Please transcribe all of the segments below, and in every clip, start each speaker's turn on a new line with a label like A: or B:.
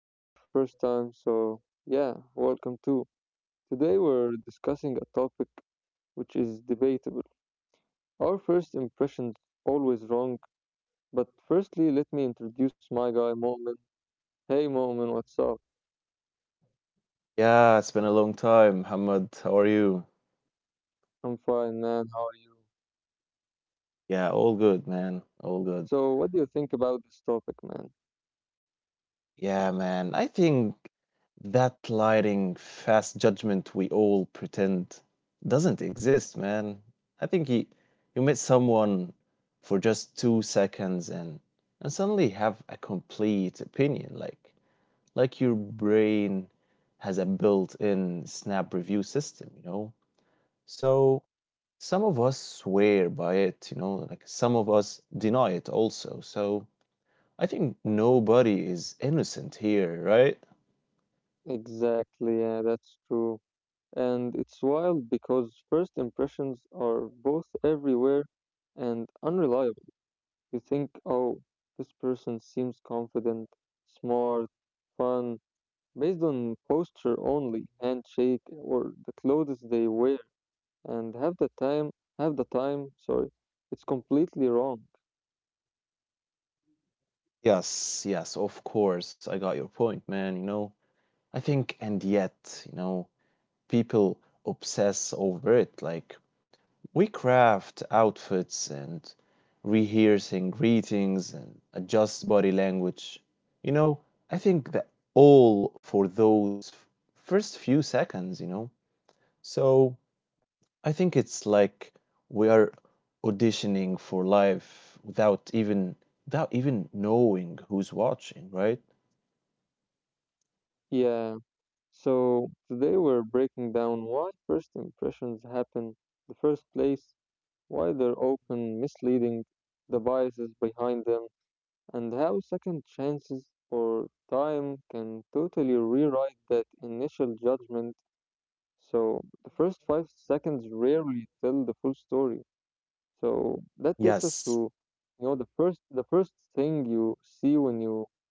A: And if it's your first time, so yeah, welcome too. Today we're discussing a topic which is debatable. Our first impressions always wrong, but firstly, let me introduce my guy Momin. Hey Momin, what's up?
B: Yeah, it's been a long time. Hamad, how are you?
A: I'm fine, man. How are you?
B: Yeah, all good, man. All good.
A: So, what do you think about this topic, man?
B: Yeah, man. I think that lighting fast judgment we all pretend doesn't exist, man. I think you meet someone for just 2 seconds and suddenly have a complete opinion, like your brain has a built-in snap review system, you know? So some of us swear by it, like some of us deny it also. So I think nobody is innocent here, right?
A: Exactly, yeah, that's true. And it's wild because first impressions are both everywhere and unreliable. You think, oh, this person seems confident, smart, fun, based on posture only, handshake, or the clothes they wear, and have the time, sorry, it's completely wrong.
B: Yes, yes, of course. I got your point, man, I think and yet, people obsess over it. Like we craft outfits and rehearsing greetings and adjust body language. You know, I think that all for those first few seconds, So I think it's like we are auditioning for life without even without even knowing who's watching, right?
A: Yeah, so today we're breaking down why first impressions happen in the first place, why they're often misleading, the biases behind them, and how second chances or time can totally rewrite that initial judgment. So, the first 5 seconds rarely tell the full story. So, that takes us
B: Yes.
A: to, you know, the first thing you see when you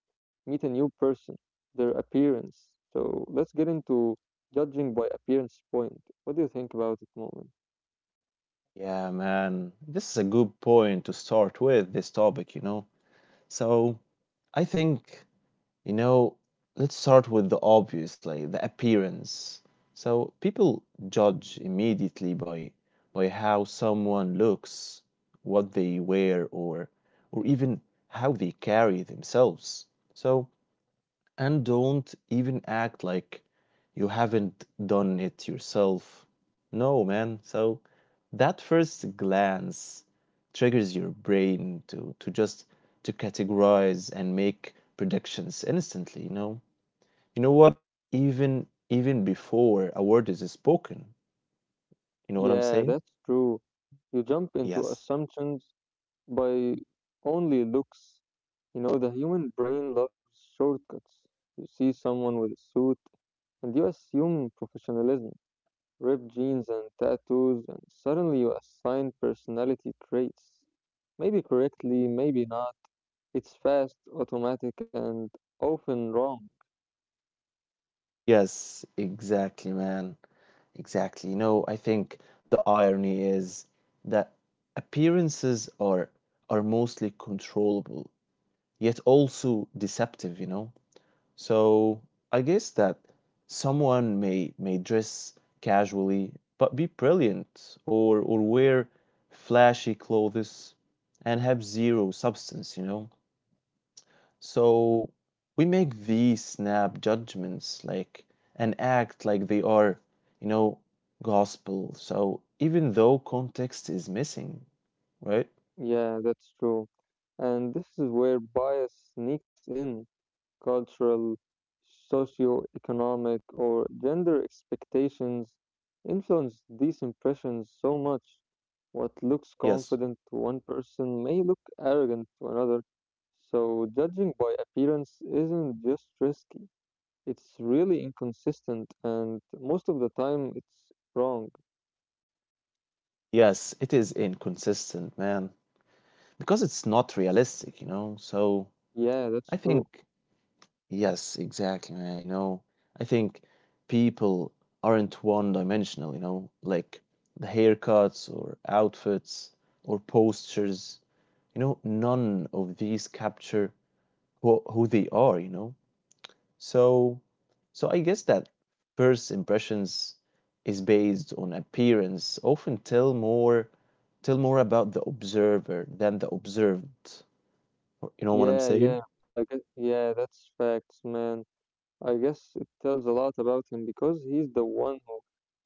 A: meet a new person, their appearance. So let's get into judging by appearance point. What do you think about it, moment?
B: Yeah, man. This is a good point to start with this topic, So I think You know, let's start with the obviously the appearance. So people judge immediately by how someone looks, what they wear, or even how they carry themselves. So and don't even act like you haven't done it yourself. No, man. So that first glance triggers your brain to just to categorize and make predictions instantly, you know? You know what? Even even before a word is spoken. You know what I'm
A: Yeah,
B: saying?
A: that's true. You jump into
B: Yes.
A: assumptions by only looks. You know, the human brain loves shortcuts. You see someone with a suit, and you assume professionalism, ripped jeans and tattoos, and suddenly you assign personality traits. Maybe correctly, maybe not. It's fast, automatic, and often wrong.
B: Yes, exactly, man. Exactly. No, I think the irony is that appearances are mostly controllable, yet also deceptive, you know? So I guess that someone may dress casually but be brilliant or wear flashy clothes and have zero substance, you know? So we make these snap judgments like and act like they are, you know, gospel. So even though context is missing, right?
A: Yeah, that's true. And this is where bias sneaks in. Cultural, socio-economic, or gender expectations influence these impressions so much. What looks
B: Yes.
A: confident to one person may look arrogant to another. So, judging by appearance isn't just risky, it's really inconsistent, and most of the time it's wrong.
B: Yes, it is inconsistent, man, because it's not realistic, So
A: Yeah, that's
B: I
A: true.
B: think yes, exactly, man, I think people aren't one-dimensional, like the haircuts or outfits or postures none of these capture who they are so so I guess that first impressions is based on appearance often tell more about the observer than the observed you know what I'm
A: Yeah,
B: saying?
A: yeah, I guess, yeah, that's facts, man. I guess it tells a lot about him because he's the one who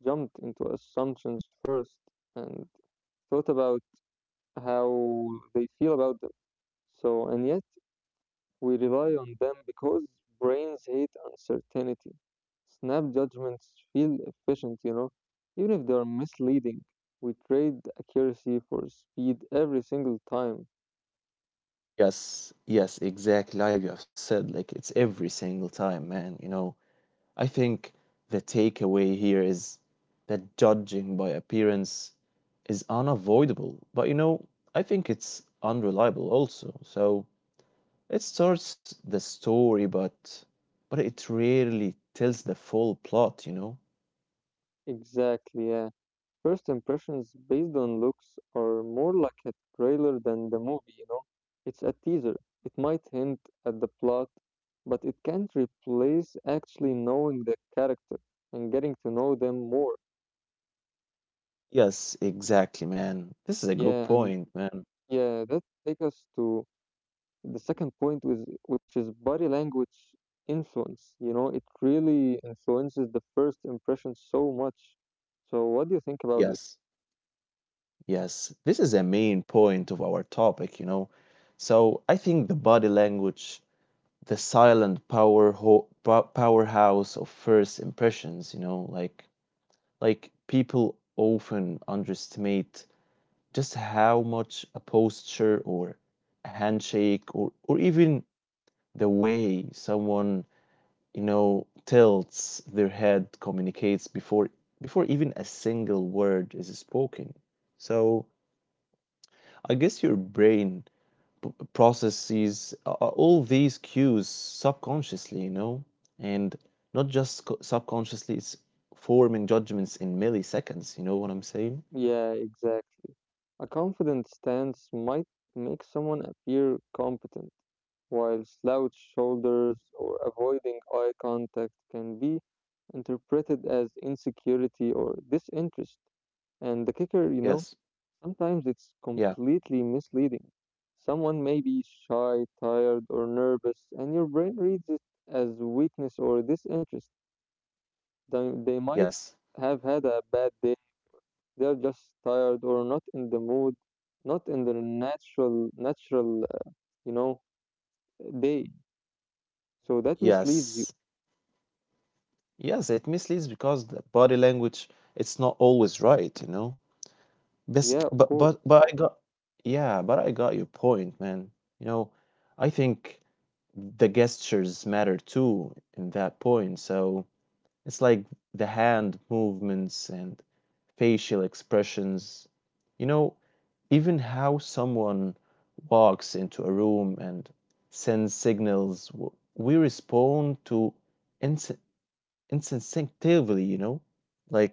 A: jumped into assumptions first and thought about how they feel about them. So, and yet we rely on them because brains hate uncertainty. Snap judgments feel efficient, you know, even if they are misleading. We trade accuracy for speed every single time.
B: Yes, yes, exactly, like you have said, like it's every single time, man, I think the takeaway here is that judging by appearance is unavoidable, but you know, I think it's unreliable also. So it starts the story, but it rarely tells the full plot, you know?
A: Exactly, yeah. First impressions based on looks are more like a trailer than the movie, you know? It's a teaser. It might hint at the plot, but it can't replace actually knowing the character and getting to know them more.
B: Yes, exactly, man. This is a good
A: Yeah, and
B: point, man.
A: yeah, that takes us to the second point, which is body language influence. You know, it really influences the first impression so much. So, what do you think about this?
B: Yes, yes. This is a main point of our topic, So I think the body language the silent powerhouse of first impressions you know like people often underestimate just how much a posture or a handshake or even the way someone you know tilts their head communicates before before even a single word is spoken so I guess your brain processes, all these cues subconsciously, you know, and not just subconsciously, it's forming judgments in milliseconds. You know what I'm saying?
A: Yeah, exactly. A confident stance might make someone appear competent, while slouched shoulders or avoiding eye contact can be interpreted as insecurity or disinterest. And the kicker, you
B: Yes.
A: know, sometimes it's
B: Yeah.
A: completely misleading. Someone may be shy, tired, or nervous, and your brain reads it as weakness or disinterest. They might have
B: Yes.
A: had a bad day, they are just tired or not in the mood, not in their natural, you know, day. So that misleads you.
B: Yes. Yes. It misleads because the body language, it's not always right, But
A: Yeah, of
B: but
A: course.
B: but but I got yeah, but I got your point, man. You know, I think the gestures matter too in that point. So It's like the hand movements and facial expressions, you know, even how someone walks into a room and sends signals. We respond to ins- instinctively, like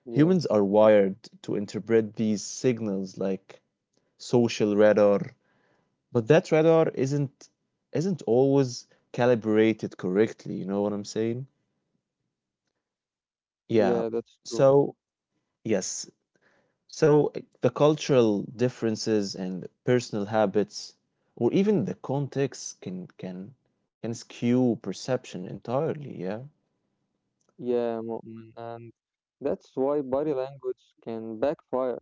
A: Yeah.
B: are wired to interpret these signals like social radar, but that radar isn't always calibrated correctly. You know what I'm saying?
A: Yeah,
B: Yeah.
A: that's true.
B: So yes, So, the cultural differences and personal habits, or even the context, can can skew perception entirely. Yeah.
A: Yeah, Mu'min. And that's why body language can backfire.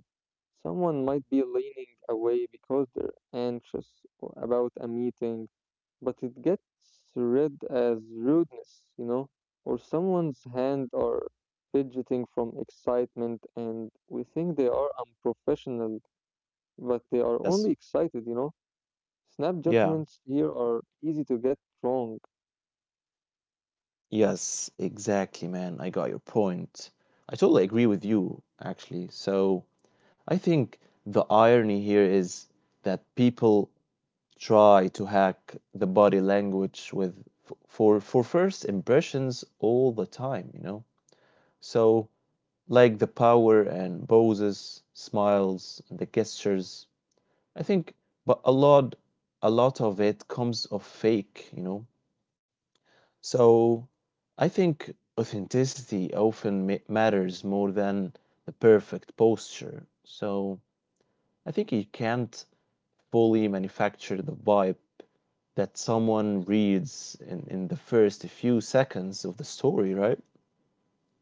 A: Someone might be leaning away because they're anxious about a meeting, but it gets read as rudeness, you know, or someone's hand are fidgeting from excitement and we think they are unprofessional, but they are only
B: Yes.
A: excited, you know. Snap
B: Yeah.
A: judgments here are easy to get wrong.
B: Yes. Exactly, man. I got your point. I totally agree with you, actually. So, I think the irony here is that people try to hack the body language with for first impressions all the time. So like the power and poses, smiles, and the gestures. I think, but a lot of it comes of fake, So I think authenticity often matters more than the perfect posture. So I think you can't fully manufacture the vibe that someone reads in the first few seconds of the story, right?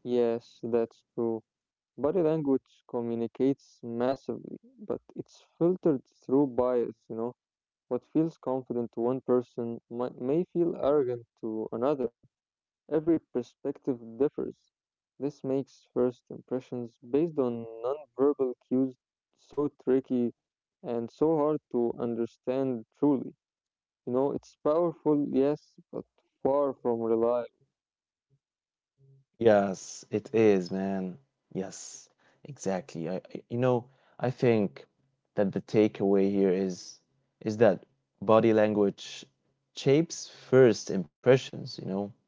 A: Yes, that's true. Body language communicates massively, but it's filtered through bias, you know. What feels confident to one person might, may feel arrogant to another. Every perspective differs. This makes first impressions based on nonverbal cues so tricky and so hard to understand truly. You know, it's powerful, yes, but far from reliable.
B: Yes, it is, man. Yes, exactly. You know, I think that the takeaway here is that body language shapes first impressions, you know?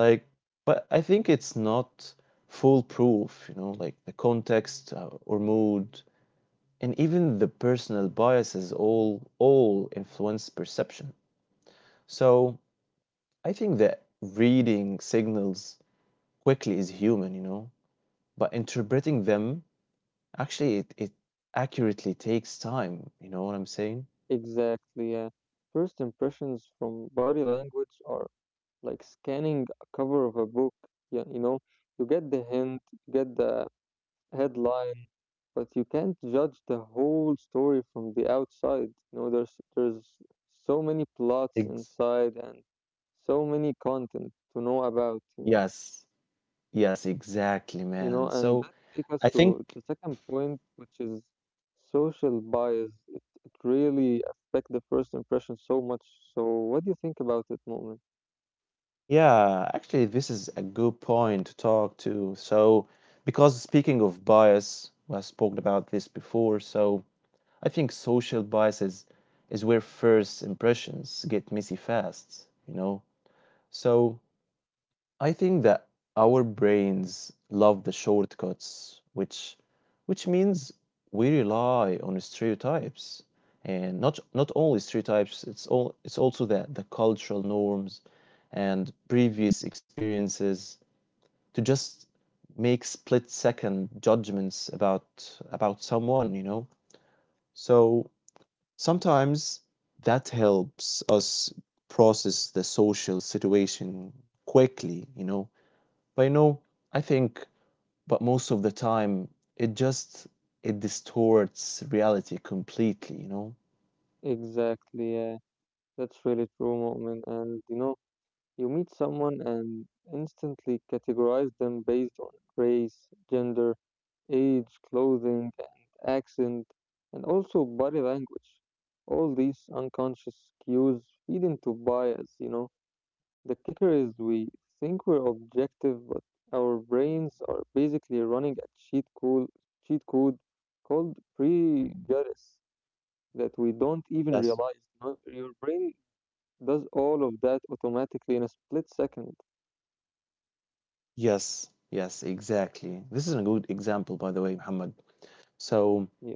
B: Like, but I think it's not foolproof, like the context or mood and even the personal biases all influence perception. So, I think that reading signals quickly is human, you know? But interpreting them actually it, it accurately takes time, you know what I'm saying?
A: Exactly, yeah. First impressions from body language are like scanning a cover of a book. Yeah, you know, you get the hint, you get the headline, but you can't judge the whole story from the outside. You know, there's so many plots
B: Ex-
A: inside and so many content to know about.
B: yes, yes, exactly,
A: You know,
B: man,
A: and that
B: so
A: takes us
B: I think
A: to the second point, which is social bias. It really affect the first impression so much. So, what do you think about it, moment?
B: yeah actually this is a good point to talk to so because speaking of bias we have spoken about this before so I think social bias is where first impressions get messy fast, so I think that our brains love the shortcuts, which means we rely on stereotypes, and not not only stereotypes. It's all it's also the cultural norms and previous experiences to just make split second judgments about someone. So sometimes that helps us process the social situation quickly. But I think, but most of the time, it just it distorts reality completely, you know?
A: Exactly. Yeah, that's really true, moment. And you know. You meet someone and instantly categorize them based on race, gender, age, clothing, and accent, and also body language. All these unconscious cues feed into bias, you know. The kicker is we think we're objective, but our brains are basically running a cheat code called prejudice that we don't even
B: Yes.
A: realize, you know. Your brain does all of that automatically in a split second.
B: Yes, yes, exactly. This is a good example, by the way, Muhammad. So
A: Yeah,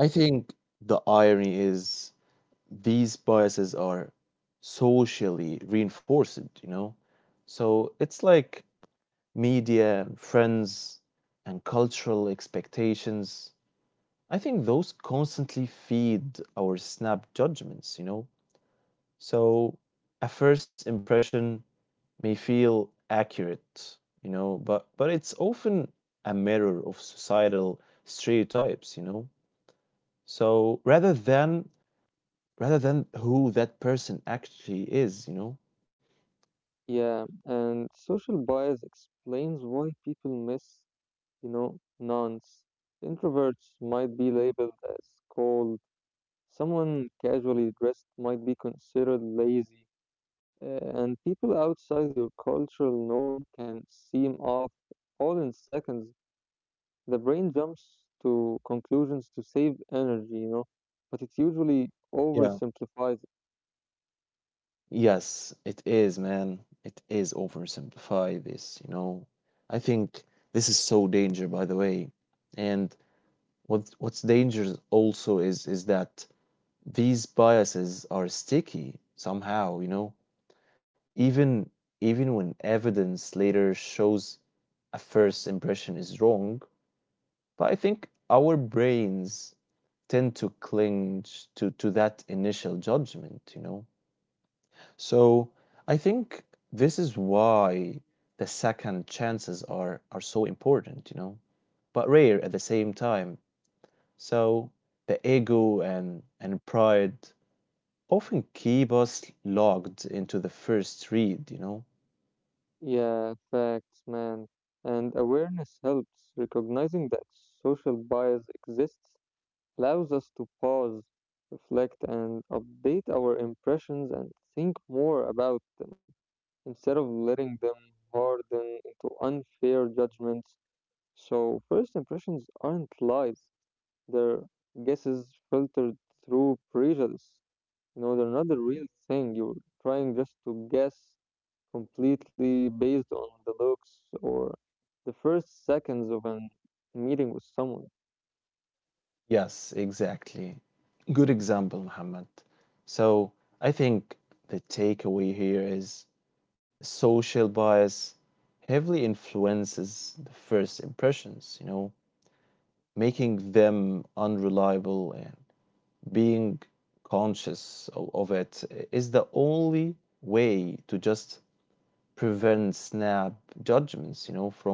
B: I think the irony is these biases are socially reinforced, you know? So it's like media, friends, and cultural expectations. I think those constantly feed our snap judgments, you know? So a first impression may feel accurate, but it's often a mirror of societal stereotypes, you know? So rather than who that person actually is, you know?
A: yeah, and social bias explains why people miss, you know, nuance. Introverts might be labeled as cold, someone casually dressed might be considered lazy, and people outside your cultural norm can seem off all in seconds. The brain jumps to conclusions to save energy, you know, but it usually
B: Yeah.
A: oversimplifies.
B: Yes, it is, man. It is oversimplify this, I think this is so danger, by the way. And what what's dangerous also is that these biases are sticky somehow, Even even when evidence later shows a first impression is wrong, but I think our brains tend to cling to that initial judgment, So I think this is why the second chances are so important, but rare at the same time. So the ego and pride often keep us locked into the first read,
A: Yeah, facts, man. And awareness helps. Recognizing that social bias exists allows us to pause, reflect, and update our impressions and think more about them instead of letting them harden into unfair judgments. So, first impressions aren't lies, they're guesses filtered through prejudice. You know, they're not the real thing. You're trying just to guess completely based on the looks or the first seconds of a meeting with someone.
B: Yes, exactly. Good example, Muhammad. So I think the takeaway here is social bias heavily influences the first impressions, making them unreliable and being conscious of it is the only way to just prevent snap judgments, from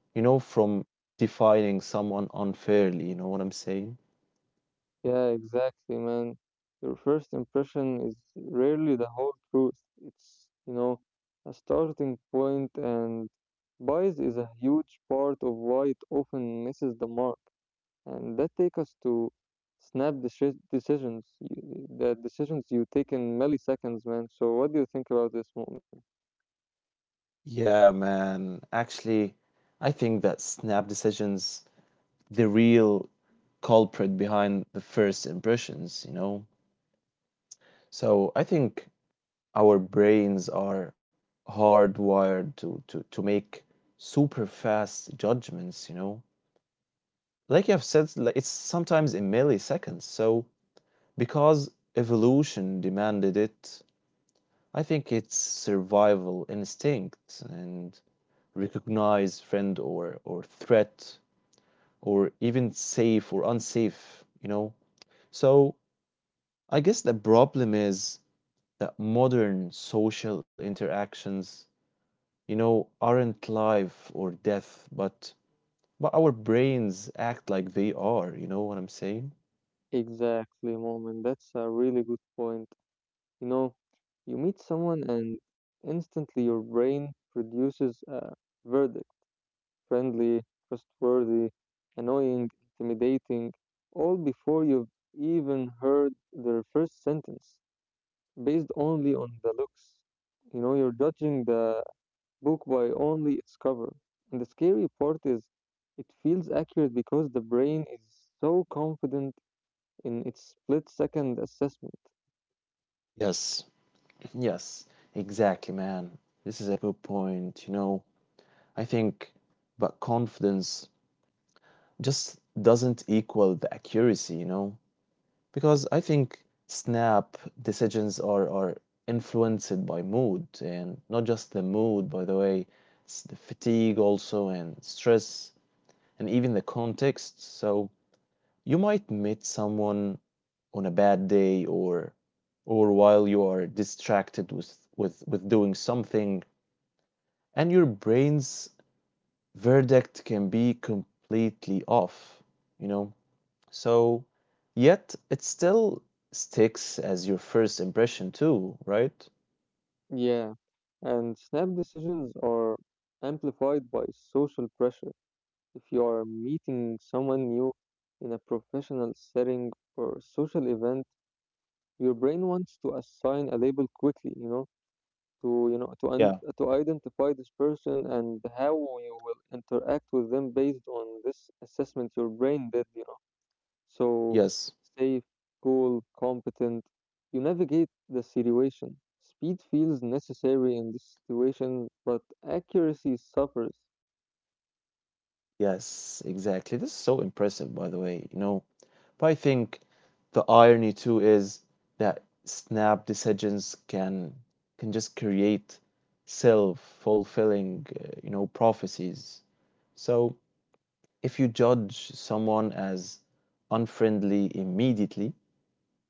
B: from defining someone unfairly, you know what I'm saying?
A: Yeah, exactly, man. Your first impression is rarely the whole truth. It's, you know, a starting point, and bias is a huge part of why it often misses the mark. And that takes us to snap decisions, the decisions you take in milliseconds, man. So, what do you think about this moment?
B: Yeah, man. Actually, I think that snap decisions the real culprit behind the first impressions, So I think our brains are hardwired to make super fast judgments, Like you have said, like it's sometimes in milliseconds. So because evolution demanded it, I think it's survival instinct and recognize friend or threat or even safe or unsafe, So I guess the problem is that modern social interactions aren't life or death, but our brains act like they are, you know what I'm saying?
A: Exactly, moment. That's a really good point. You know, you meet someone and instantly your brain produces a verdict: friendly, trustworthy, annoying, intimidating, all before you've even heard their first sentence, based only on the looks. You know, you're judging the book by only its cover. And the scary part is it feels accurate because the brain is so confident in its split second assessment.
B: Yes. Yes, exactly, man. This is a good point, I think but confidence just doesn't equal the accuracy, you know? Because I think snap decisions are influenced by mood and not just the mood, by the way, it's the fatigue also and stress and even the context. So you might meet someone on a bad day or while you are distracted with doing something and your brain's verdict can be completely off, you know? So yet it still sticks as your first impression too, right?
A: Yeah, and snap decisions are amplified by social pressure. If you are meeting someone new in a professional setting or social event, your brain wants to assign a label quickly, you know to
B: Yeah.
A: to identify this person and how you will interact with them based on this assessment your brain did, you know. So,
B: Yes.
A: safe, cool, competent, you navigate the situation. Speed feels necessary in this situation, but accuracy suffers.
B: Yes, exactly. This is so impressive, by the way. But I think the irony too is that snap decisions can just create self-fulfilling, prophecies. So if you judge someone as unfriendly immediately,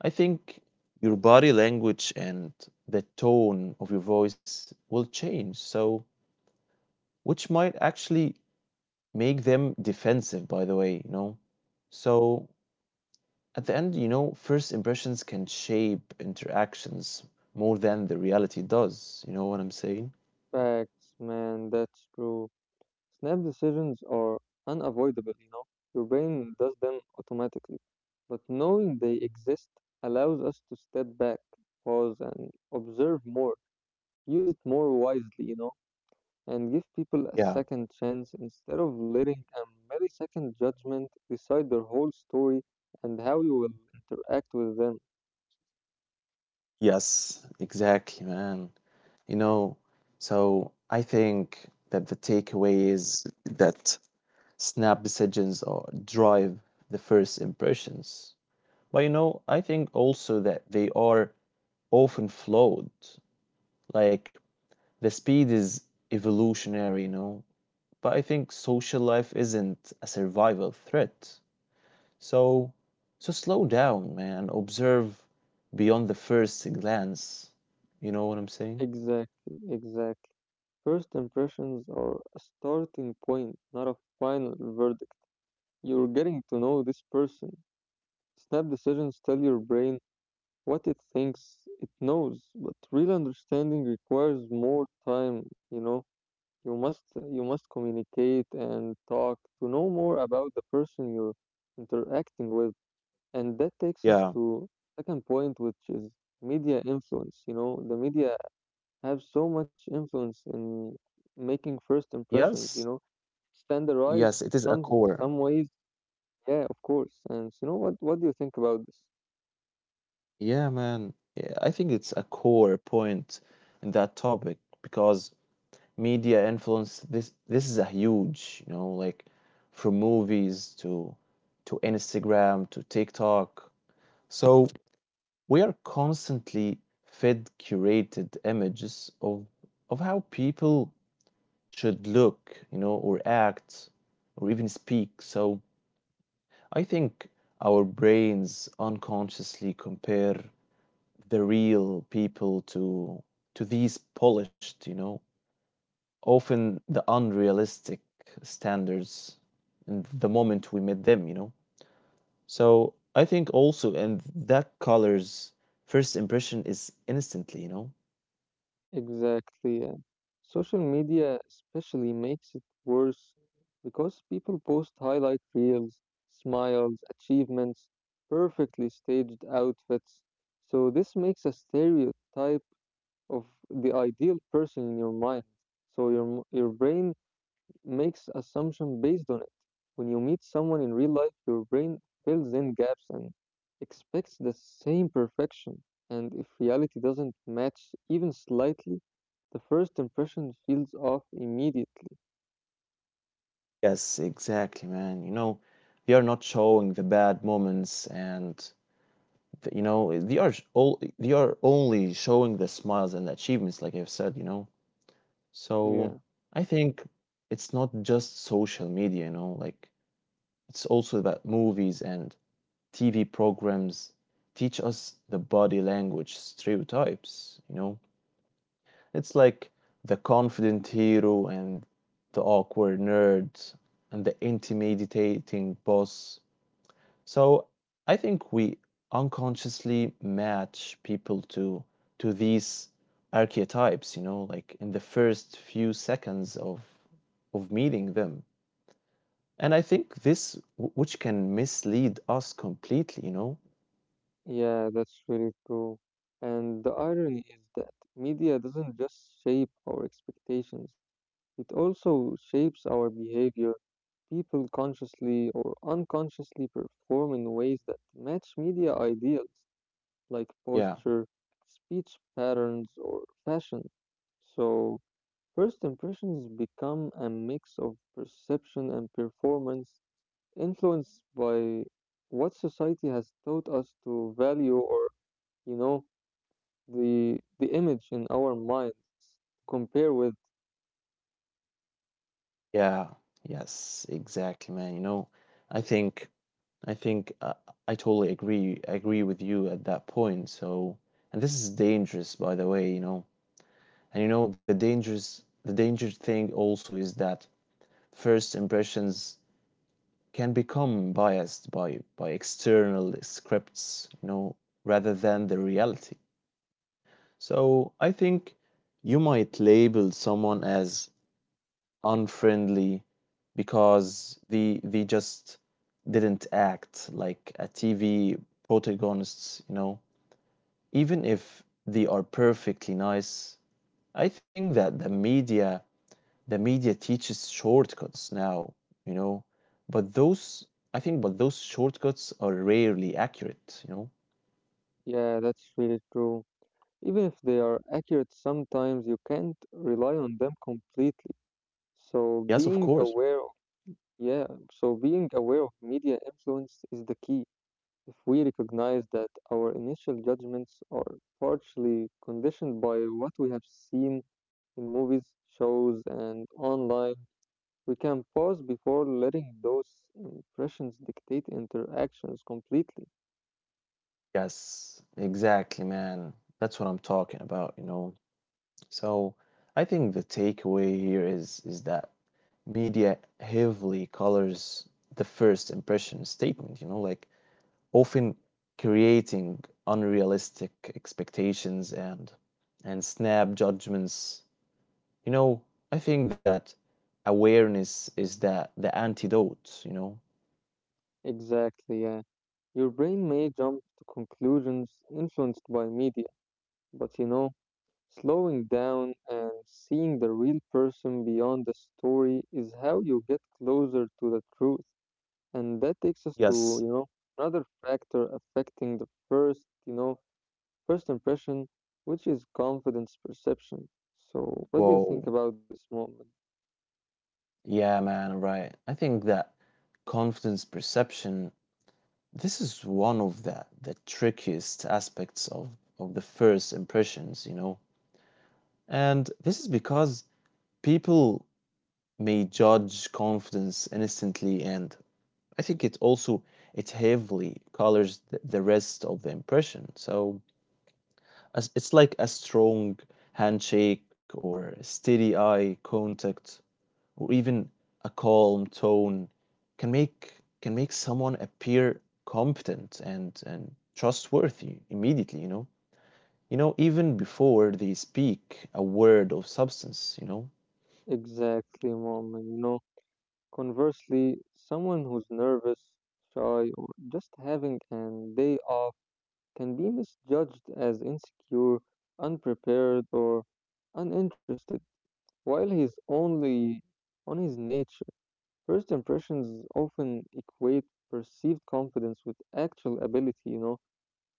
B: I think your body language and the tone of your voice will change. So which might actually make them defensive, by the way, So at the end, first impressions can shape interactions more than the reality does. You know what I'm saying?
A: Facts, man, that's true. Snap decisions are unavoidable, you know. Your brain does them automatically. But knowing they exist allows us to step back, pause, and observe more. Use it more wisely, you know, and give people a
B: Yeah.
A: second chance instead of letting a millisecond judgment decide their whole story and how you will interact with them.
B: Yes, exactly, man. You know, so I think that the takeaway is that snap decisions or drive the first impressions. But you know I think also that they are often flawed. Like the speed is evolutionary, but I think social life isn't a survival threat. So so slow down, man. Observe beyond the first glance. You know what I'm saying?
A: Exactly, exactly. First impressions are a starting point, not a final verdict. You're getting to know this person. Snap decisions tell your brain what it thinks it knows, but real understanding requires more time, you know? You must communicate and talk to know more about the person you're interacting with. And that takes us
B: Yeah.
A: to second point, which is media influence. You know, the media have so much influence in making first impressions, you
B: Yes.
A: know, standardized
B: Yes, it is a core.
A: some ways, yeah, of course. And you know what do you think about this?
B: Yeah, man. Yeah, I think it's a core point in that topic because media influence this is a huge, you know, like from movies to to Instagram to TikTok. So we are constantly fed curated images of how people should look, you know, or act or even speak. So I think our brains unconsciously compare the real people to these polished, you know, often the unrealistic standards in the moment we met them, you know? So I think also, and that color's first impression is instantly, you know?
A: Exactly, yeah. Social media especially makes it worse because people post highlight reels, smiles, achievements, perfectly staged outfits. So this makes a stereotype of the ideal person in your mind. So your your brain makes assumption based on it. When you meet someone in real life, your brain fills in gaps and expects the same perfection. And if reality doesn't match even slightly, the first impression feels off immediately.
B: Yes, exactly, man. You know, they are not showing the bad moments and the, you know they are sh- all they are only showing the smiles and achievements, like I've said, you know.
A: Yeah.
B: So I think it's not just social media, you know, like it's also about movies and TV programs teach us the body language stereotypes, you know? It's like the confident hero and the awkward nerd and the intimidating boss. So I think we unconsciously match people to these archetypes, you know, like in the first few seconds of meeting them. And I think which can mislead us completely, you know?
A: Yeah, that's really true. And the irony is that media doesn't just shape our expectations, it also shapes our behavior. People consciously or unconsciously perform in ways that match media ideals, like
B: Yeah.
A: posture, speech patterns, or fashion. So, first impressions become a mix of perception and performance, influenced by what society has taught us to value, or you know, the image in our minds compare with.
B: Yeah. Yes, exactly, man. You know, I think I think I totally agree with you at that point. So, and this is dangerous, by the way, you know. And you know, the dangerous thing also is that first impressions can become biased by external scripts, you know, rather than the reality. So, I think you might label someone as unfriendly because they just didn't act like a TV protagonists, you know. Even if they are perfectly nice, I think that the media teaches shortcuts now, you know. But those I think but those shortcuts are rarely accurate, you know.
A: Yeah, that's really true, even if they are accurate sometimes, you can't rely on them completely. So
B: Yes, of
A: being
B: course.
A: aware of, yeah, so being aware of media influence is the key. If we recognize that our initial judgments are partially conditioned by what we have seen in movies, shows and online, we can pause before letting those impressions dictate interactions completely.
B: Yes, exactly, man. That's what I'm talking about, you know. So I think the takeaway here is that media heavily colors the first impression statement, you know, like often creating unrealistic expectations and snap judgments. You know, I think that awareness is that the antidote, you know.
A: Exactly, yeah. Your brain may jump to conclusions influenced by media, but you know, slowing down and seeing the real person beyond the story is how you get closer to the truth. And that takes us to,
B: Yes.
A: you know, another factor affecting the first, you know, first impression, which is confidence perception. So, what do you think
B: Whoa.
A: about this moment?
B: Yeah, man, right. I think that confidence perception, this is one of the trickiest aspects of the first impressions, you know. And this is because people may judge confidence instantly, and I think it also it heavily colors the rest of the impression. So as, it's like a strong handshake or steady eye contact or even a calm tone can make can make someone appear competent and trustworthy immediately, you know. You know, even before they speak a word of substance, you know.
A: Exactly, Moment. You know, conversely, someone who's nervous, shy, or just having an day off can be misjudged as insecure, unprepared, or uninterested, while he's only on his nature. First impressions often equate perceived confidence with actual ability, you know,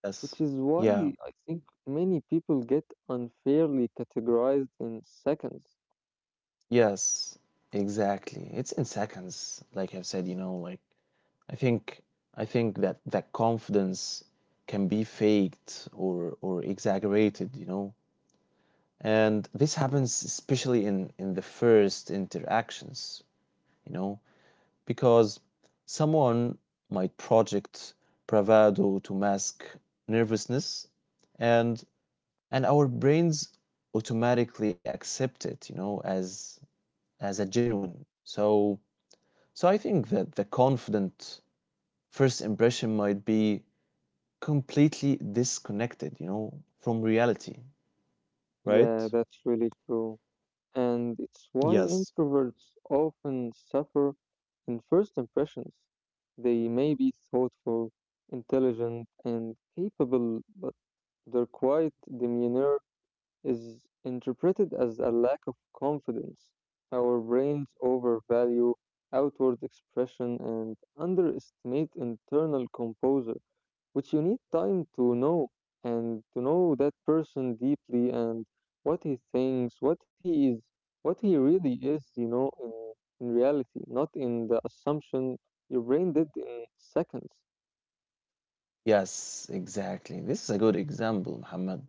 B: Yes.
A: which is why
B: Yeah.
A: I think many people get unfairly categorized in seconds.
B: Yes, exactly, it's in seconds, like I've said, you know, like i think I think that that confidence can be faked or exaggerated, you know. And this happens especially in the first interactions, you know, because someone might project bravado to mask nervousness and our brains automatically accept it, you know, as a genuine. So so I think that the confident first impression might be completely disconnected, you know, from reality,
A: Yeah,
B: right?
A: that's really true, and it's why
B: Yes,
A: introverts often suffer in first impressions. They may be thoughtful, intelligent, and capable, but their quiet demeanor is interpreted as a lack of confidence. Our brains overvalue outward expression and underestimate internal composure, which you need time to know and to know that person deeply, and what he thinks, what he is, what he really is, you know, in reality, not in the assumption your brain did in seconds.
B: yes, exactly, this is a good example, Muhammad.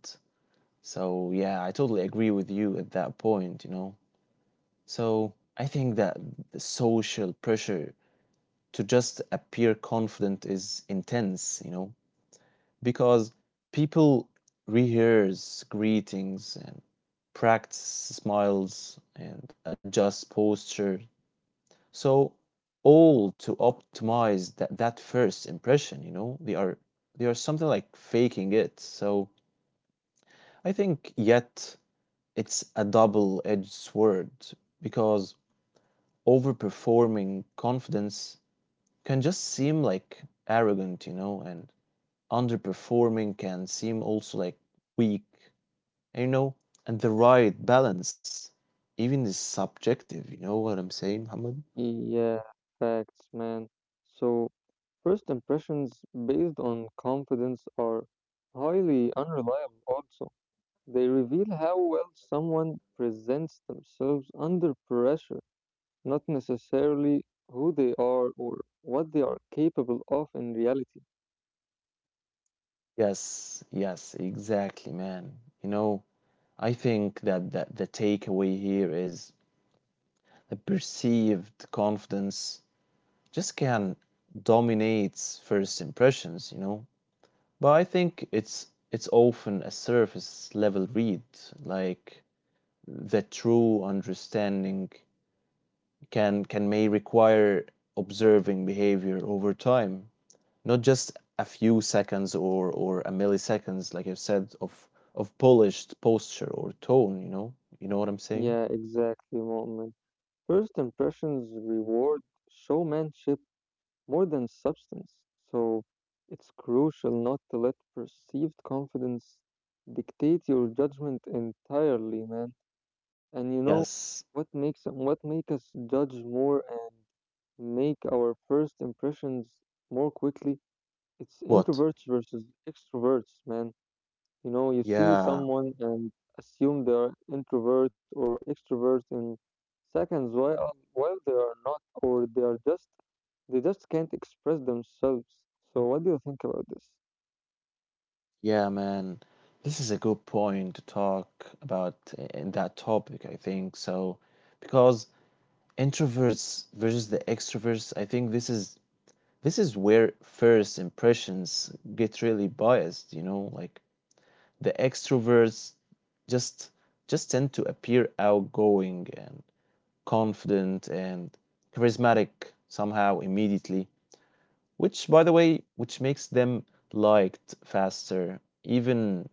B: So yeah, I totally agree with you at that point, you know. So I think that the social pressure to just appear confident is intense, you know, because people rehearse greetings and practice smiles and adjust posture. So all to optimize that, that first impression, you know, they are something like faking it. So I think yet it's a double-edged sword because overperforming confidence can just seem like arrogant, you know, and underperforming can seem also like weak, you know, and the right balance even is subjective, you know what I'm saying, Muhammad?
A: Yeah, facts, man. So, first impressions based on confidence are highly unreliable, also. They reveal how well someone presents themselves under pressure, not necessarily who they are or what they are capable of in reality.
B: Yes, yes, exactly, man. You know, I think that, that the takeaway here is the perceived confidence just can dominates first impressions, you know. But I think it's often a surface level read. Like the true understanding can may require observing behavior over time, not just a few seconds or a milliseconds, like you said, of polished posture or tone. You know what I'm saying?
A: Yeah, exactly, Moment. First impressions reward showmanship more than substance, so it's crucial not to let perceived confidence dictate your judgment entirely, man. And you know
B: Yes.
A: what make us judge more and make our first impressions more quickly? It's
B: What?
A: introverts versus extroverts, man. You know, you see
B: Yeah,
A: someone and assume they are introvert or extrovert in seconds, while they are not, or they are just they just can't express themselves. So what do you think about this?
B: yeah, man. This is a good point to talk about in that topic, I think. So, because introverts versus the extroverts, I think this is where first impressions get really biased, you know, like the extroverts just just tend to appear outgoing and confident and charismatic somehow immediately, which, by the way, which makes them liked faster, even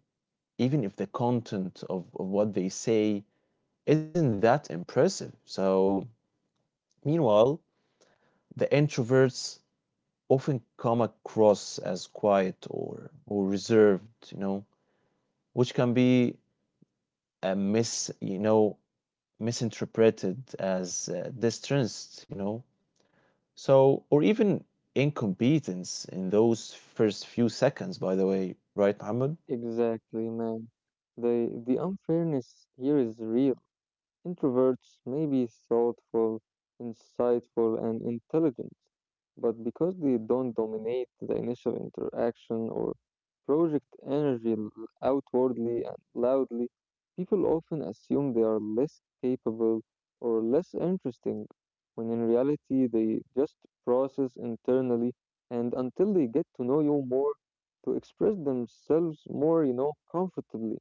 B: even if the content of what they say isn't that impressive. So meanwhile the introverts often come across as quiet or reserved, you know, which can be uh, mis you know misinterpreted as distrust, you know. So or even incompetence in those first few seconds, by the way, right, Mohammed?
A: Exactly, man. The the unfairness here is real. Introverts may be thoughtful, insightful, and intelligent, but because they don't dominate the initial interaction or project energy outwardly and loudly, people often assume they are less capable or less interesting, when in reality they just process internally and until they get to know you more, to express themselves more, you know, comfortably.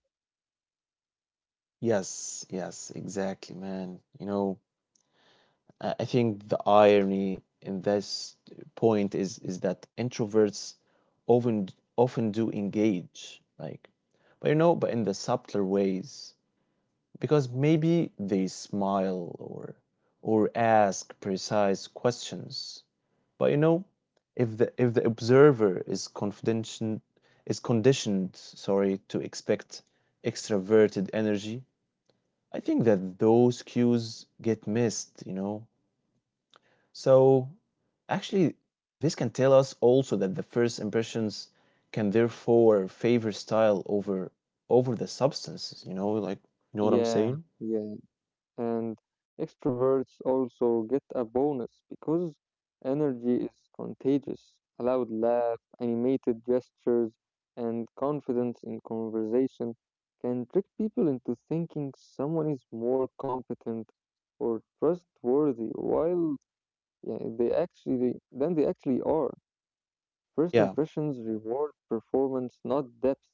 B: Yes, yes, exactly, man. You know, I think the irony in this point is that introverts often often do engage, like, but you know, but in the subtler ways, because maybe they smile or ask precise questions. But you know, if the observer is conditioned, sorry, to expect extroverted energy, I think that those cues get missed, you know. So actually, this can tell us also that the first impressions can therefore favor style over the substances, you know, like, you know what I'm saying?
A: Yeah, yeah. And extroverts also get a bonus because energy is contagious. A loud laugh, animated gestures, and confidence in conversation can trick people into thinking someone is more competent or trustworthy while, yeah, they actually than they actually are. First
B: Yeah.
A: impressions reward performance, not depth.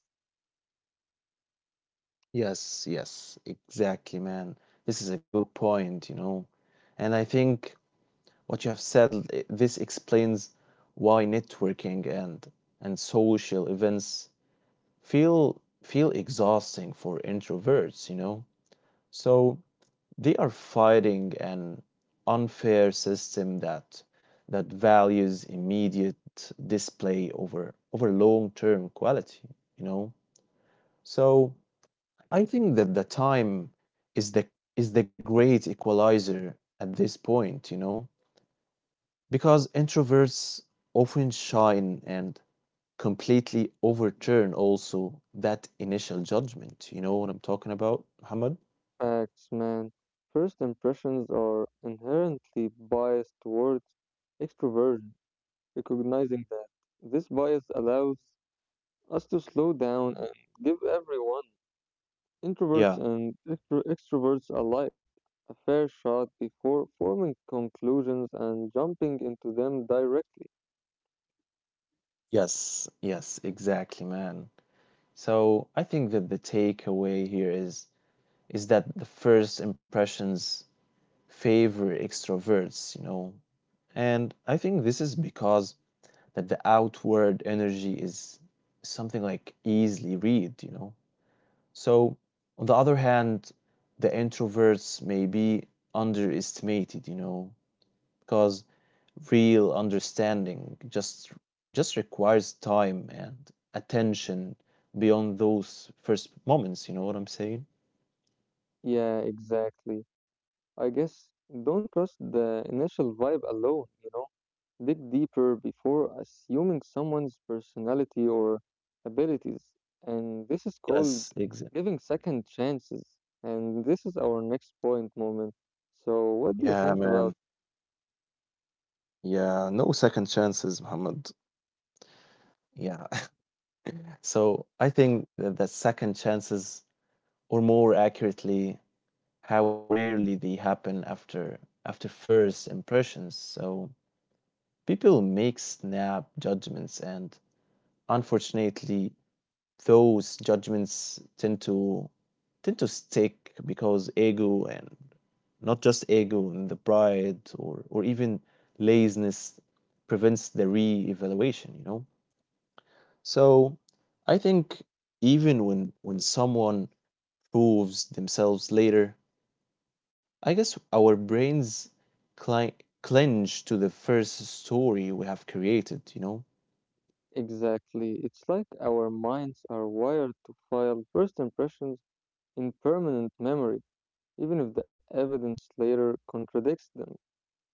B: Yes, yes, exactly, man. This is a good point, you know. And I think what you have said, this explains why networking and social events feel exhausting for introverts, you know. So they are fighting an unfair system that that values immediate display over long-term quality, you know? So I think that the time is the is the great equalizer at this point, you know? Because introverts often shine and completely overturn also that initial judgment. You know what I'm talking about, Muhammad?
A: Facts, man. First impressions are inherently biased towards extroversion. Recognizing that this bias allows us to slow down and give everyone,
B: Yeah.
A: introverts and extroverts alike, a fair shot before forming conclusions and jumping into them directly.
B: Yes, yes, exactly, man. So I think that the takeaway here is that the first impressions favor extroverts, you know. And I think this is because that the outward energy is something like easily read, you know. So on the other hand, the introverts may be underestimated, you know, because real understanding just requires time and attention beyond those first moments, you know what I'm saying?
A: Yeah, exactly. I guess don't trust the initial vibe alone, you know? Dig deeper before assuming someone's personality or abilities. And this is called
B: Yes,
A: giving
B: exactly.
A: second chances. And this is our next point, moment. So, what do you think
B: Yeah,
A: about
B: man. Yeah, no second chances, Muhammad. Yeah. So I think that, that second chances, or more accurately, how rarely they happen after after first impressions. So people make snap judgments, and unfortunately those judgments tend to stick because ego and not just ego and the pride or even laziness prevents the re-evaluation, you know. So I think even when someone proves themselves later, I guess our brains cli- clinch to the first story we have created, you know.
A: exactly? It's like our minds are wired to file first impressions in permanent memory, even if the evidence later contradicts them.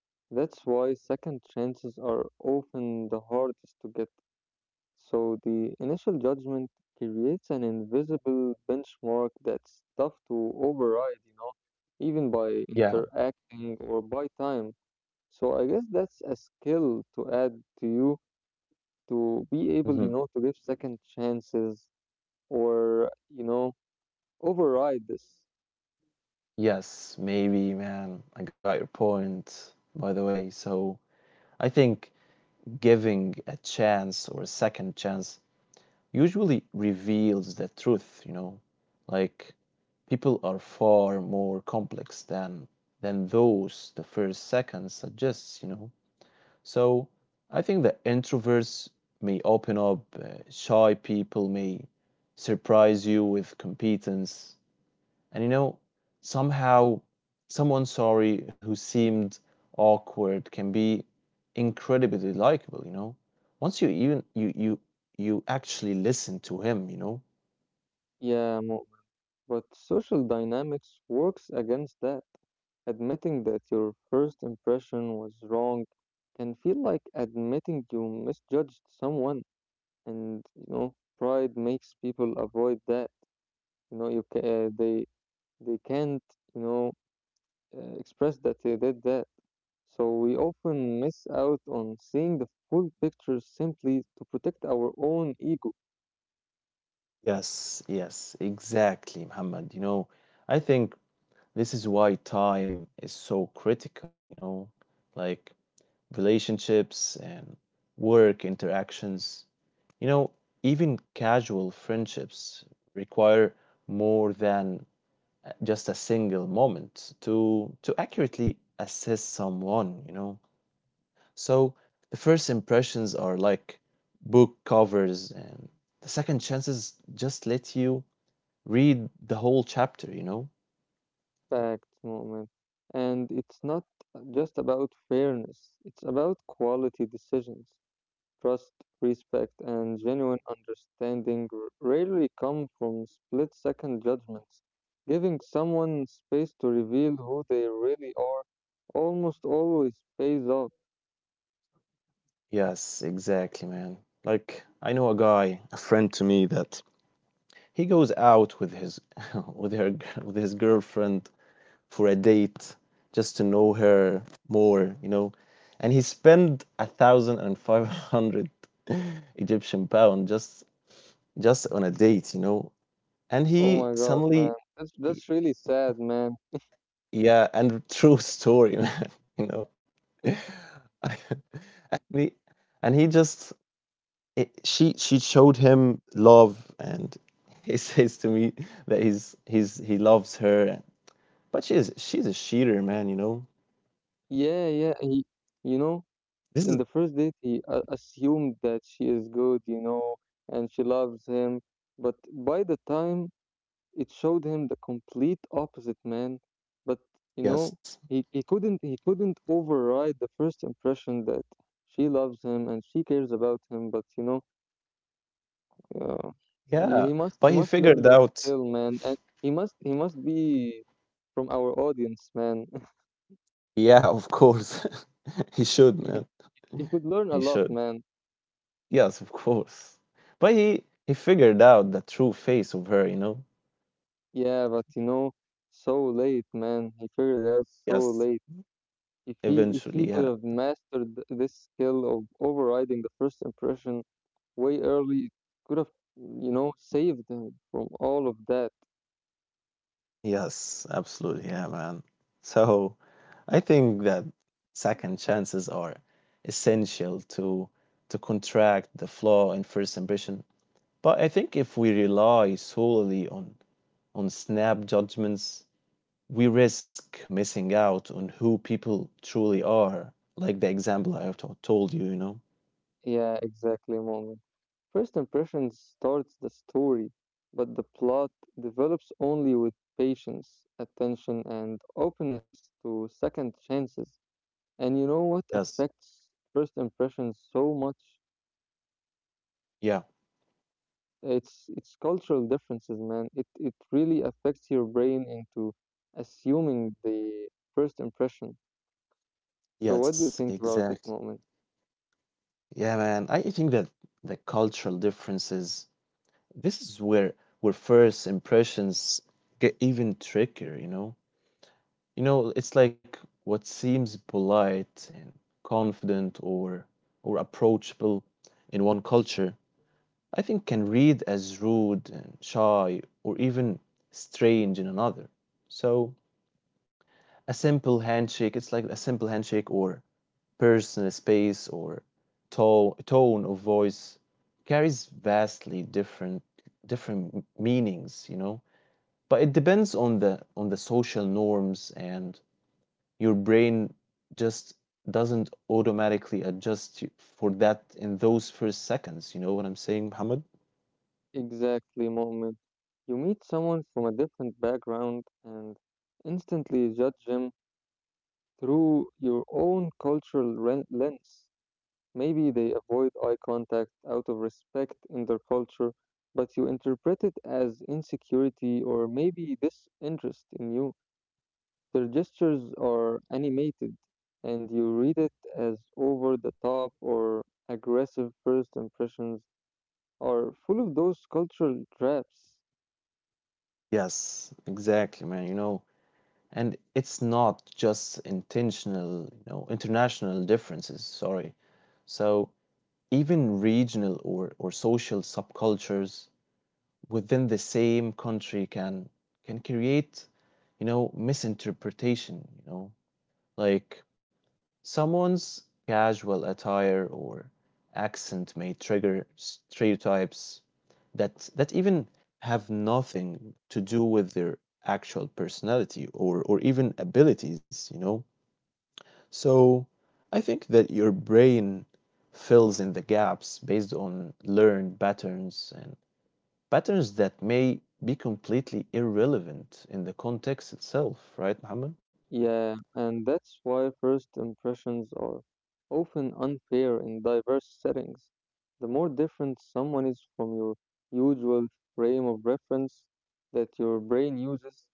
A: That's why second chances are often the hardest to get. So the initial judgment creates an invisible benchmark that's tough to override, you know, even by
B: Yeah.
A: interacting or by time. So I guess that's a skill to add to you, to be able,
B: Hmm.
A: you know, to give second chances or, you know, override this.
B: Yes, maybe, man, I got your point, by the way. So I think giving a chance or a second chance usually reveals the truth, you know, like people are far more complex than those the first second suggests, you know. So I think that introverts may open up, shy people may surprise you with competence, and you know, somehow someone sorry who seemed awkward can be incredibly likable, you know. Once you even you you you actually listen to him, you know.
A: Yeah, Mo. But social dynamics works against that. Admitting that your first impression was wrong can feel like admitting you misjudged someone, and you know pride makes people avoid that. You know you they can't you know express that they did that. So we often miss out on seeing the full picture simply to protect our own ego.
B: Yes, yes, exactly, Muhammad. You know, I think this is why time is so critical, you know, like relationships and work interactions, you know, even casual friendships require more than just a single moment to accurately assess someone, you know. So the first impressions are like book covers and the second chances just let you read the whole chapter, you know.
A: Facts, moment. And it's not just about fairness, it's about quality decisions. Trust, respect, and genuine understanding rarely come from split second judgments. Giving someone space to reveal who they really are almost always pays off.
B: Yes, exactly, man, like I know a guy, a friend to me that he goes out with his with her with his girlfriend for a date just to know her more, you know. And he spent 1,500 Egyptian pound just on a date, you know. And
A: Oh
B: he
A: my god,
B: suddenly,
A: man.
B: y-
A: That's really sad, man.
B: yeah, and true story, man, you know. I- and he, and he just it, she showed him love and he says to me that he loves her but she's a cheater, man, you know.
A: Yeah, yeah. You know,
B: This is,
A: In the first date, he assumed that she is good, you know, and she loves him. But by the time it showed him the complete opposite, man. But you know,
B: yes.
A: he couldn't override the first impression that she loves him and she cares about him. But you know, uh, he
B: Yeah,
A: he must he
B: but he
A: must learn
B: figured
A: that
B: out,
A: skill, man, and he must be from our audience, man.
B: yeah, of course. He should, man.
A: He could learn a
B: He
A: lot,
B: should.
A: man.
B: Yes, of course. But he figured out the true face of her, you know?
A: Yeah, but you know, so late, man. He figured it out so
B: Yes,
A: late. If he if
B: eventually,
A: he
B: yeah.
A: could have mastered this skill of overriding the first impression way early, it could have, you know, saved him from all of that.
B: Yes, absolutely, yeah, man. So I think that second chances are essential to contract the flaw in first impression. But I think if we rely solely on snap judgments, we risk missing out on who people truly are, like the example I have told you, you know?
A: Yeah, exactly, moment. First impression starts the story, but the plot develops only with patience, attention, and openness to second chances. And you know what
B: Yes.
A: affects first impressions so much?
B: Yeah.
A: It's cultural differences, man. It really affects your brain into assuming the first impression. So what do you
B: Yes,
A: think about it,
B: exactly.
A: moment?
B: Yeah, man. I think that the cultural differences, this is where first impressions get even trickier, you know? You know, it's like what seems polite and confident or approachable in one culture I think can read as rude and shy or even strange in another. So a simple handshake, it's like a simple handshake or personal space or tone of voice carries vastly different meanings, you know. But it depends on the social norms and your brain just doesn't automatically adjust for that in those first seconds, you know what I'm saying, Muhammad?
A: Exactly, moment. You meet someone from a different background and instantly judge them through your own cultural lens. Maybe they avoid eye contact out of respect in their culture, but you interpret it as insecurity or maybe disinterest in you. Their gestures are animated, and you read it as over the top or aggressive. First impressions are full of those cultural traps.
B: Yes, exactly, man. You know, and it's not just intentional, you know, international differences, sorry. So even regional or social subcultures within the same country can create, you know, misinterpretation, you know, like someone's casual attire or accent may trigger stereotypes that even have nothing to do with their actual personality or even abilities, you know? So I think that your brain fills in the gaps based on learned patterns and patterns that may be completely irrelevant in the context itself, right, Muhammad?
A: Yeah, and that's why first impressions are often unfair in diverse settings. The more different someone is from your usual frame of reference that your brain uses,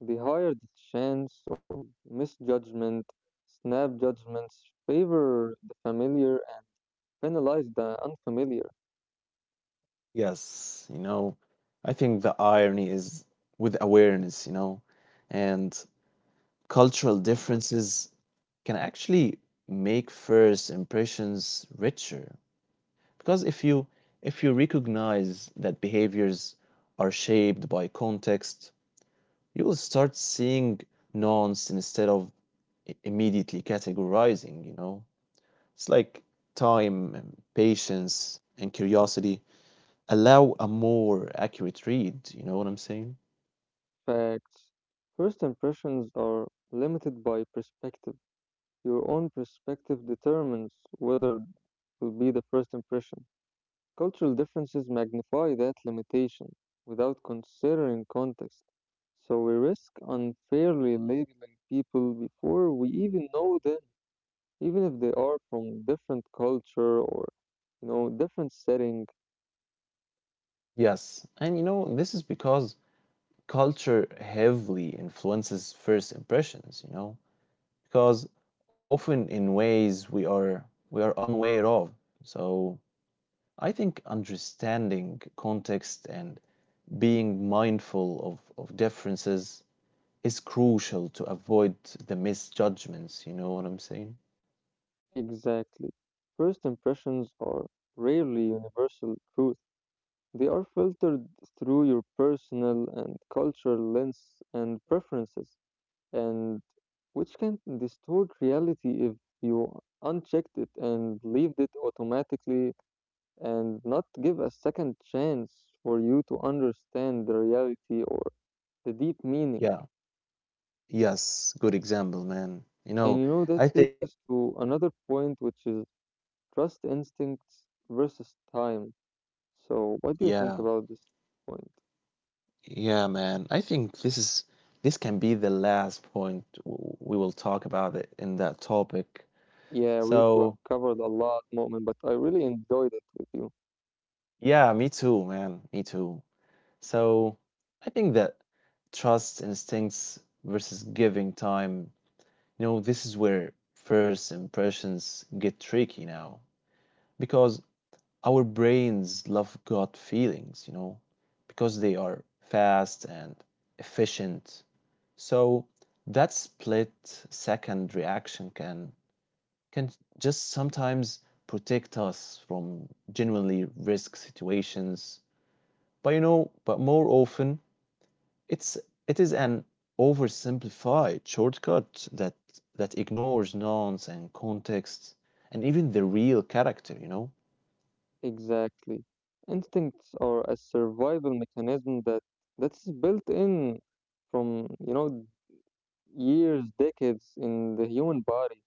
A: the higher the chance of misjudgment. Snap judgments favor the familiar. Analyze the unfamiliar.
B: Yes, you know, I think the irony is with awareness, you know, and cultural differences can actually make first impressions richer. Because if you recognize that behaviors are shaped by context, you will start seeing nuance instead of immediately categorizing, you know. It's like time and patience and curiosity allow a more accurate read. You know what I'm saying?
A: Facts. First impressions are limited by perspective. Your own perspective determines whether it will be the first impression. Cultural differences magnify that limitation without considering context. So we risk unfairly labeling people before we even know them, even if they are from different culture or, you know, different setting.
B: Yes, and you know, this is because culture heavily influences first impressions, you know, because often in ways we are unaware of. So I think understanding context and being mindful of differences is crucial to avoid the misjudgments, you know what I'm saying?
A: Exactly. First impressions are rarely universal truth. They are filtered through your personal and cultural lens and preferences, and which can distort reality if you unchecked it and leave it automatically, and not give a second chance for you to understand the reality or the deep meaning.
B: Yeah. Yes, good example, man. You know,
A: And you know
B: I
A: that
B: think
A: takes us to another point, which is trust instincts versus time. So, what do you
B: yeah.
A: think about this point?
B: Yeah, man. I think this can be the last point we will talk about it in that topic.
A: Yeah, really, we
B: So,
A: have covered a lot, Moment, but I really enjoyed it with you.
B: yeah, me too, man. Me too. So, I think that trust instincts versus giving time, you know, this is where first impressions get tricky now because our brains love gut feelings, you know, because they are fast and efficient. So that split second reaction can just sometimes protect us from genuinely risk situations. But you know, but more often it's it is an oversimplified shortcut that ignores nuance and context and even the real character, you know?
A: Exactly. Instincts are a survival mechanism that's built in from, you know, years, decades in the human body.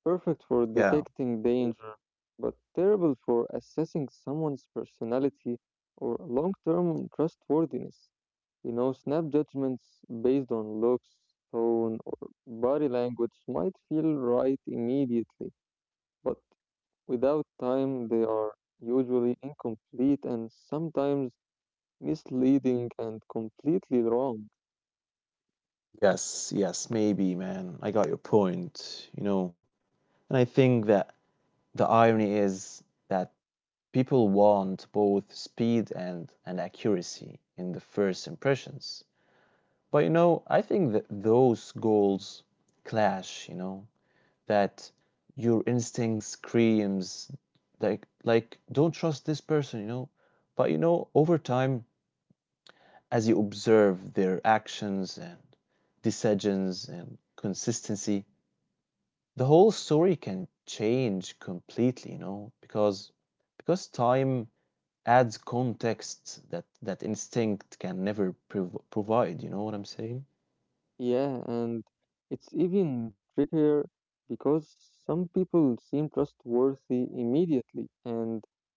A: Perfect for
B: Yeah.
A: detecting danger, but terrible for assessing someone's personality or long-term trustworthiness. You know, snap judgments based on looks, tone, or body language might feel right immediately, but without time, they are usually incomplete and sometimes misleading and completely wrong.
B: Yes, yes, maybe, man. I got your point, you know. And I think that the irony is that people want both speed and accuracy in the first impressions. But you know, I think that those goals clash, you know, that your instinct screams like don't trust this person, you know. But you know, over time, as you observe their actions and decisions and consistency, the whole story can change completely, you know, because time adds context that instinct can never provide, you know what I'm saying?
A: Yeah, and it's even trickier because some people seem trustworthy immediately and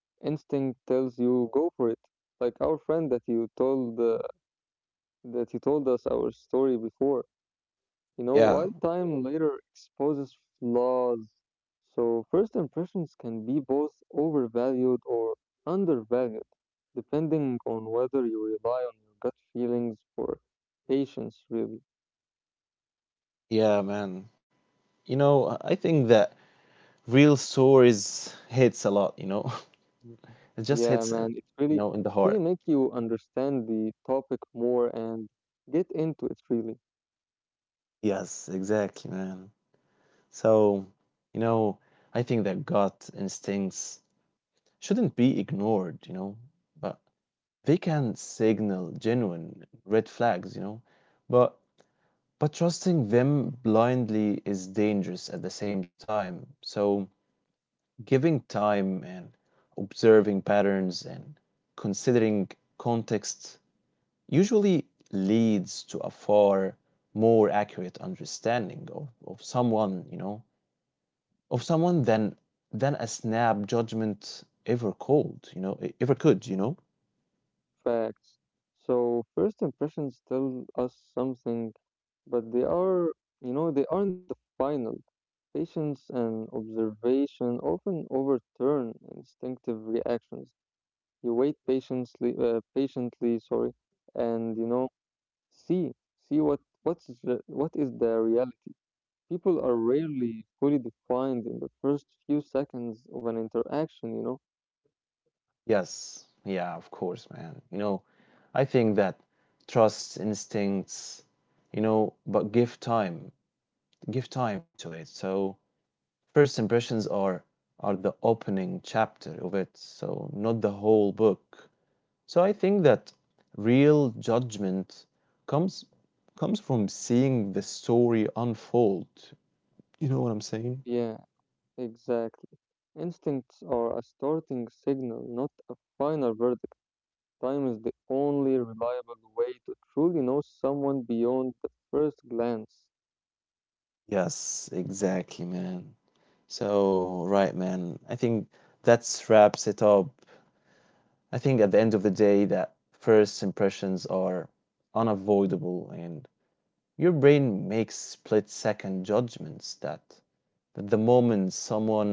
A: instinct tells you go for it, like our friend that you told us our story before. You know,
B: Yeah,
A: while time later exposes flaws, so first impressions can be both overvalued or undervalued, depending on whether you rely on your gut feelings or patience, really.
B: yeah, man. You know, I think that real stories hits a lot, you know. It just
A: Yeah,
B: hits,
A: man,
B: you
A: it
B: know, in the heart.
A: really make you understand the topic more and get into it, really.
B: Yes, exactly, man. So, you know, I think that gut instincts shouldn't be ignored, you know, but they can signal genuine red flags, you know, but but trusting them blindly is dangerous at the same time. So giving time and observing patterns and considering context usually leads to a far more accurate understanding of someone, you know, of someone than a snap judgment ever called, you know, ever could, you know.
A: Facts. So first impressions tell us something, but they are, you know, they aren't the final. Patience and observation often overturn instinctive reactions. You wait patiently, and you know, see, see what is the reality. People are rarely fully defined in the first few seconds of an interaction, you know.
B: Yes, yeah, of course, man. You know, I think that trust instincts, you know, but give time to it. So first impressions are the opening chapter of it, so not the whole book. So I think that real judgment comes comes from seeing the story unfold. You know what I'm saying?
A: Yeah. Exactly. Instincts are a starting signal, not a final verdict. Time is the only reliable way to truly know someone beyond the first glance.
B: Yes, exactly, man. So, right, man. I think that's wraps it up. I think at the end of the day that first impressions are unavoidable and your brain makes split second judgments that the moment someone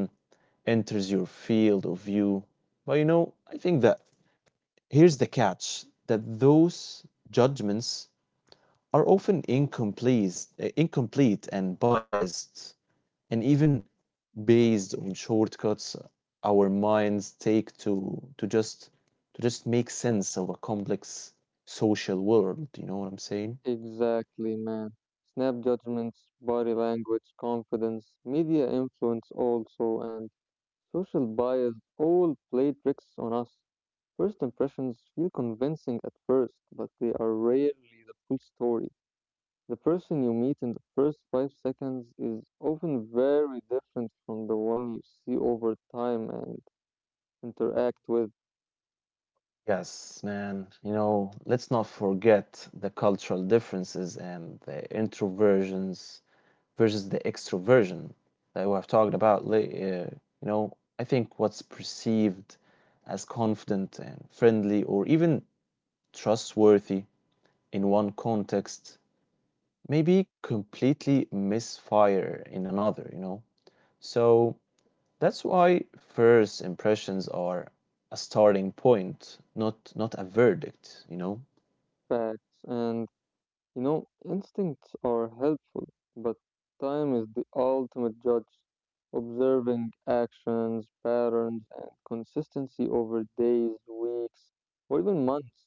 B: enters your field of view. But you know, I think that here's the catch that those judgments are often incomplete, incomplete and biased and even based on shortcuts our minds take to just make sense of a complex social world. You know what I'm saying?
A: Exactly, man. Snap judgments, body language, confidence, media influence also, and social bias all play tricks on us. First impressions feel convincing at first, but they are rarely the full story. The person you meet in the first 5 seconds is often very different from the one you see over time and interact with.
B: Yes, man. You know, let's not forget the cultural differences and the introversions versus the extroversion that we have talked about later. You know, I think what's perceived as confident and friendly or even trustworthy in one context maybe completely misfire in another, you know? So that's why first impressions are a starting point, not a verdict, you know?
A: Facts. And you know, instincts are helpful, but time is the ultimate judge. Observing actions, patterns, and consistency over days, weeks, or even months,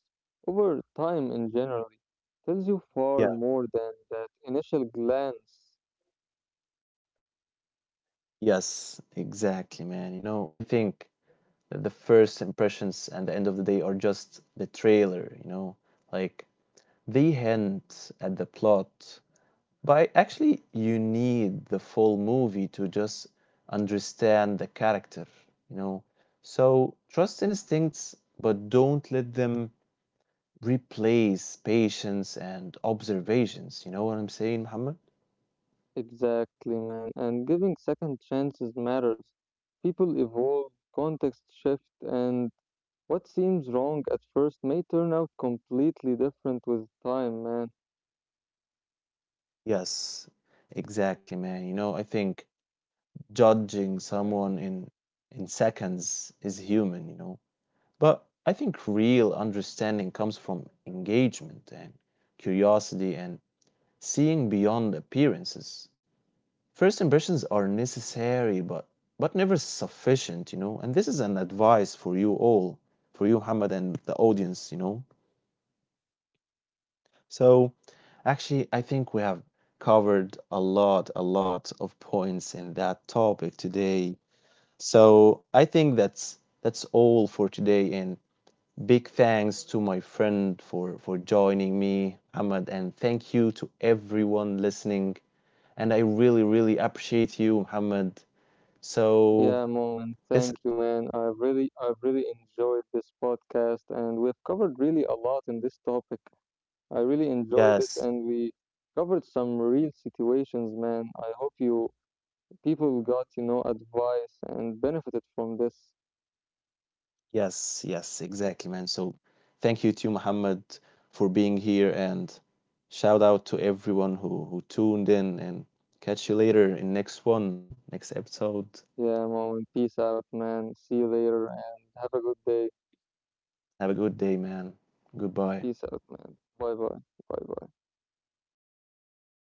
A: over time in general, tells you far
B: Yeah.
A: more than that initial glance.
B: Yes, exactly, man. You know, I think that the first impressions and the end of the day are just the trailer, you know? Like they hint at the plot, but actually, you need the full movie to just understand the character, you know? So trust instincts, but don't let them replace patience and observations. You know what I'm saying, Muhammad?
A: Exactly, man. And giving second chances matters. People evolve, context shift, and what seems wrong at first may turn out completely different with time, man.
B: Yes, exactly, man. You know, I think judging someone in seconds is human, you know. But I think real understanding comes from engagement and curiosity and seeing beyond appearances. First impressions are necessary but never sufficient, you know. And this is an advice for you all, for you, Hamad, and the audience, you know. So, actually, I think we have covered a lot of points in that topic today. So, I think that's all for today. And big thanks to my friend for joining me, Hamad, and thank you to everyone listening, and I really, really appreciate you, Muhammad. So
A: Yeah, moment.
B: this,
A: Thank you, man. I really enjoyed this podcast, and we've covered really a lot in this topic. I really enjoyed it,
B: yes,
A: and we covered some real situations, man. I hope you people got, you know, advice and benefited from this.
B: yes, exactly, man. So thank you to Muhammad for being here, and shout out to everyone who tuned in. And catch you later in next one, next episode.
A: Yeah, Moment. Peace out, man. See you later and have a good day.
B: Have a good day, man. Goodbye.
A: Peace out, man. Bye bye. Bye bye.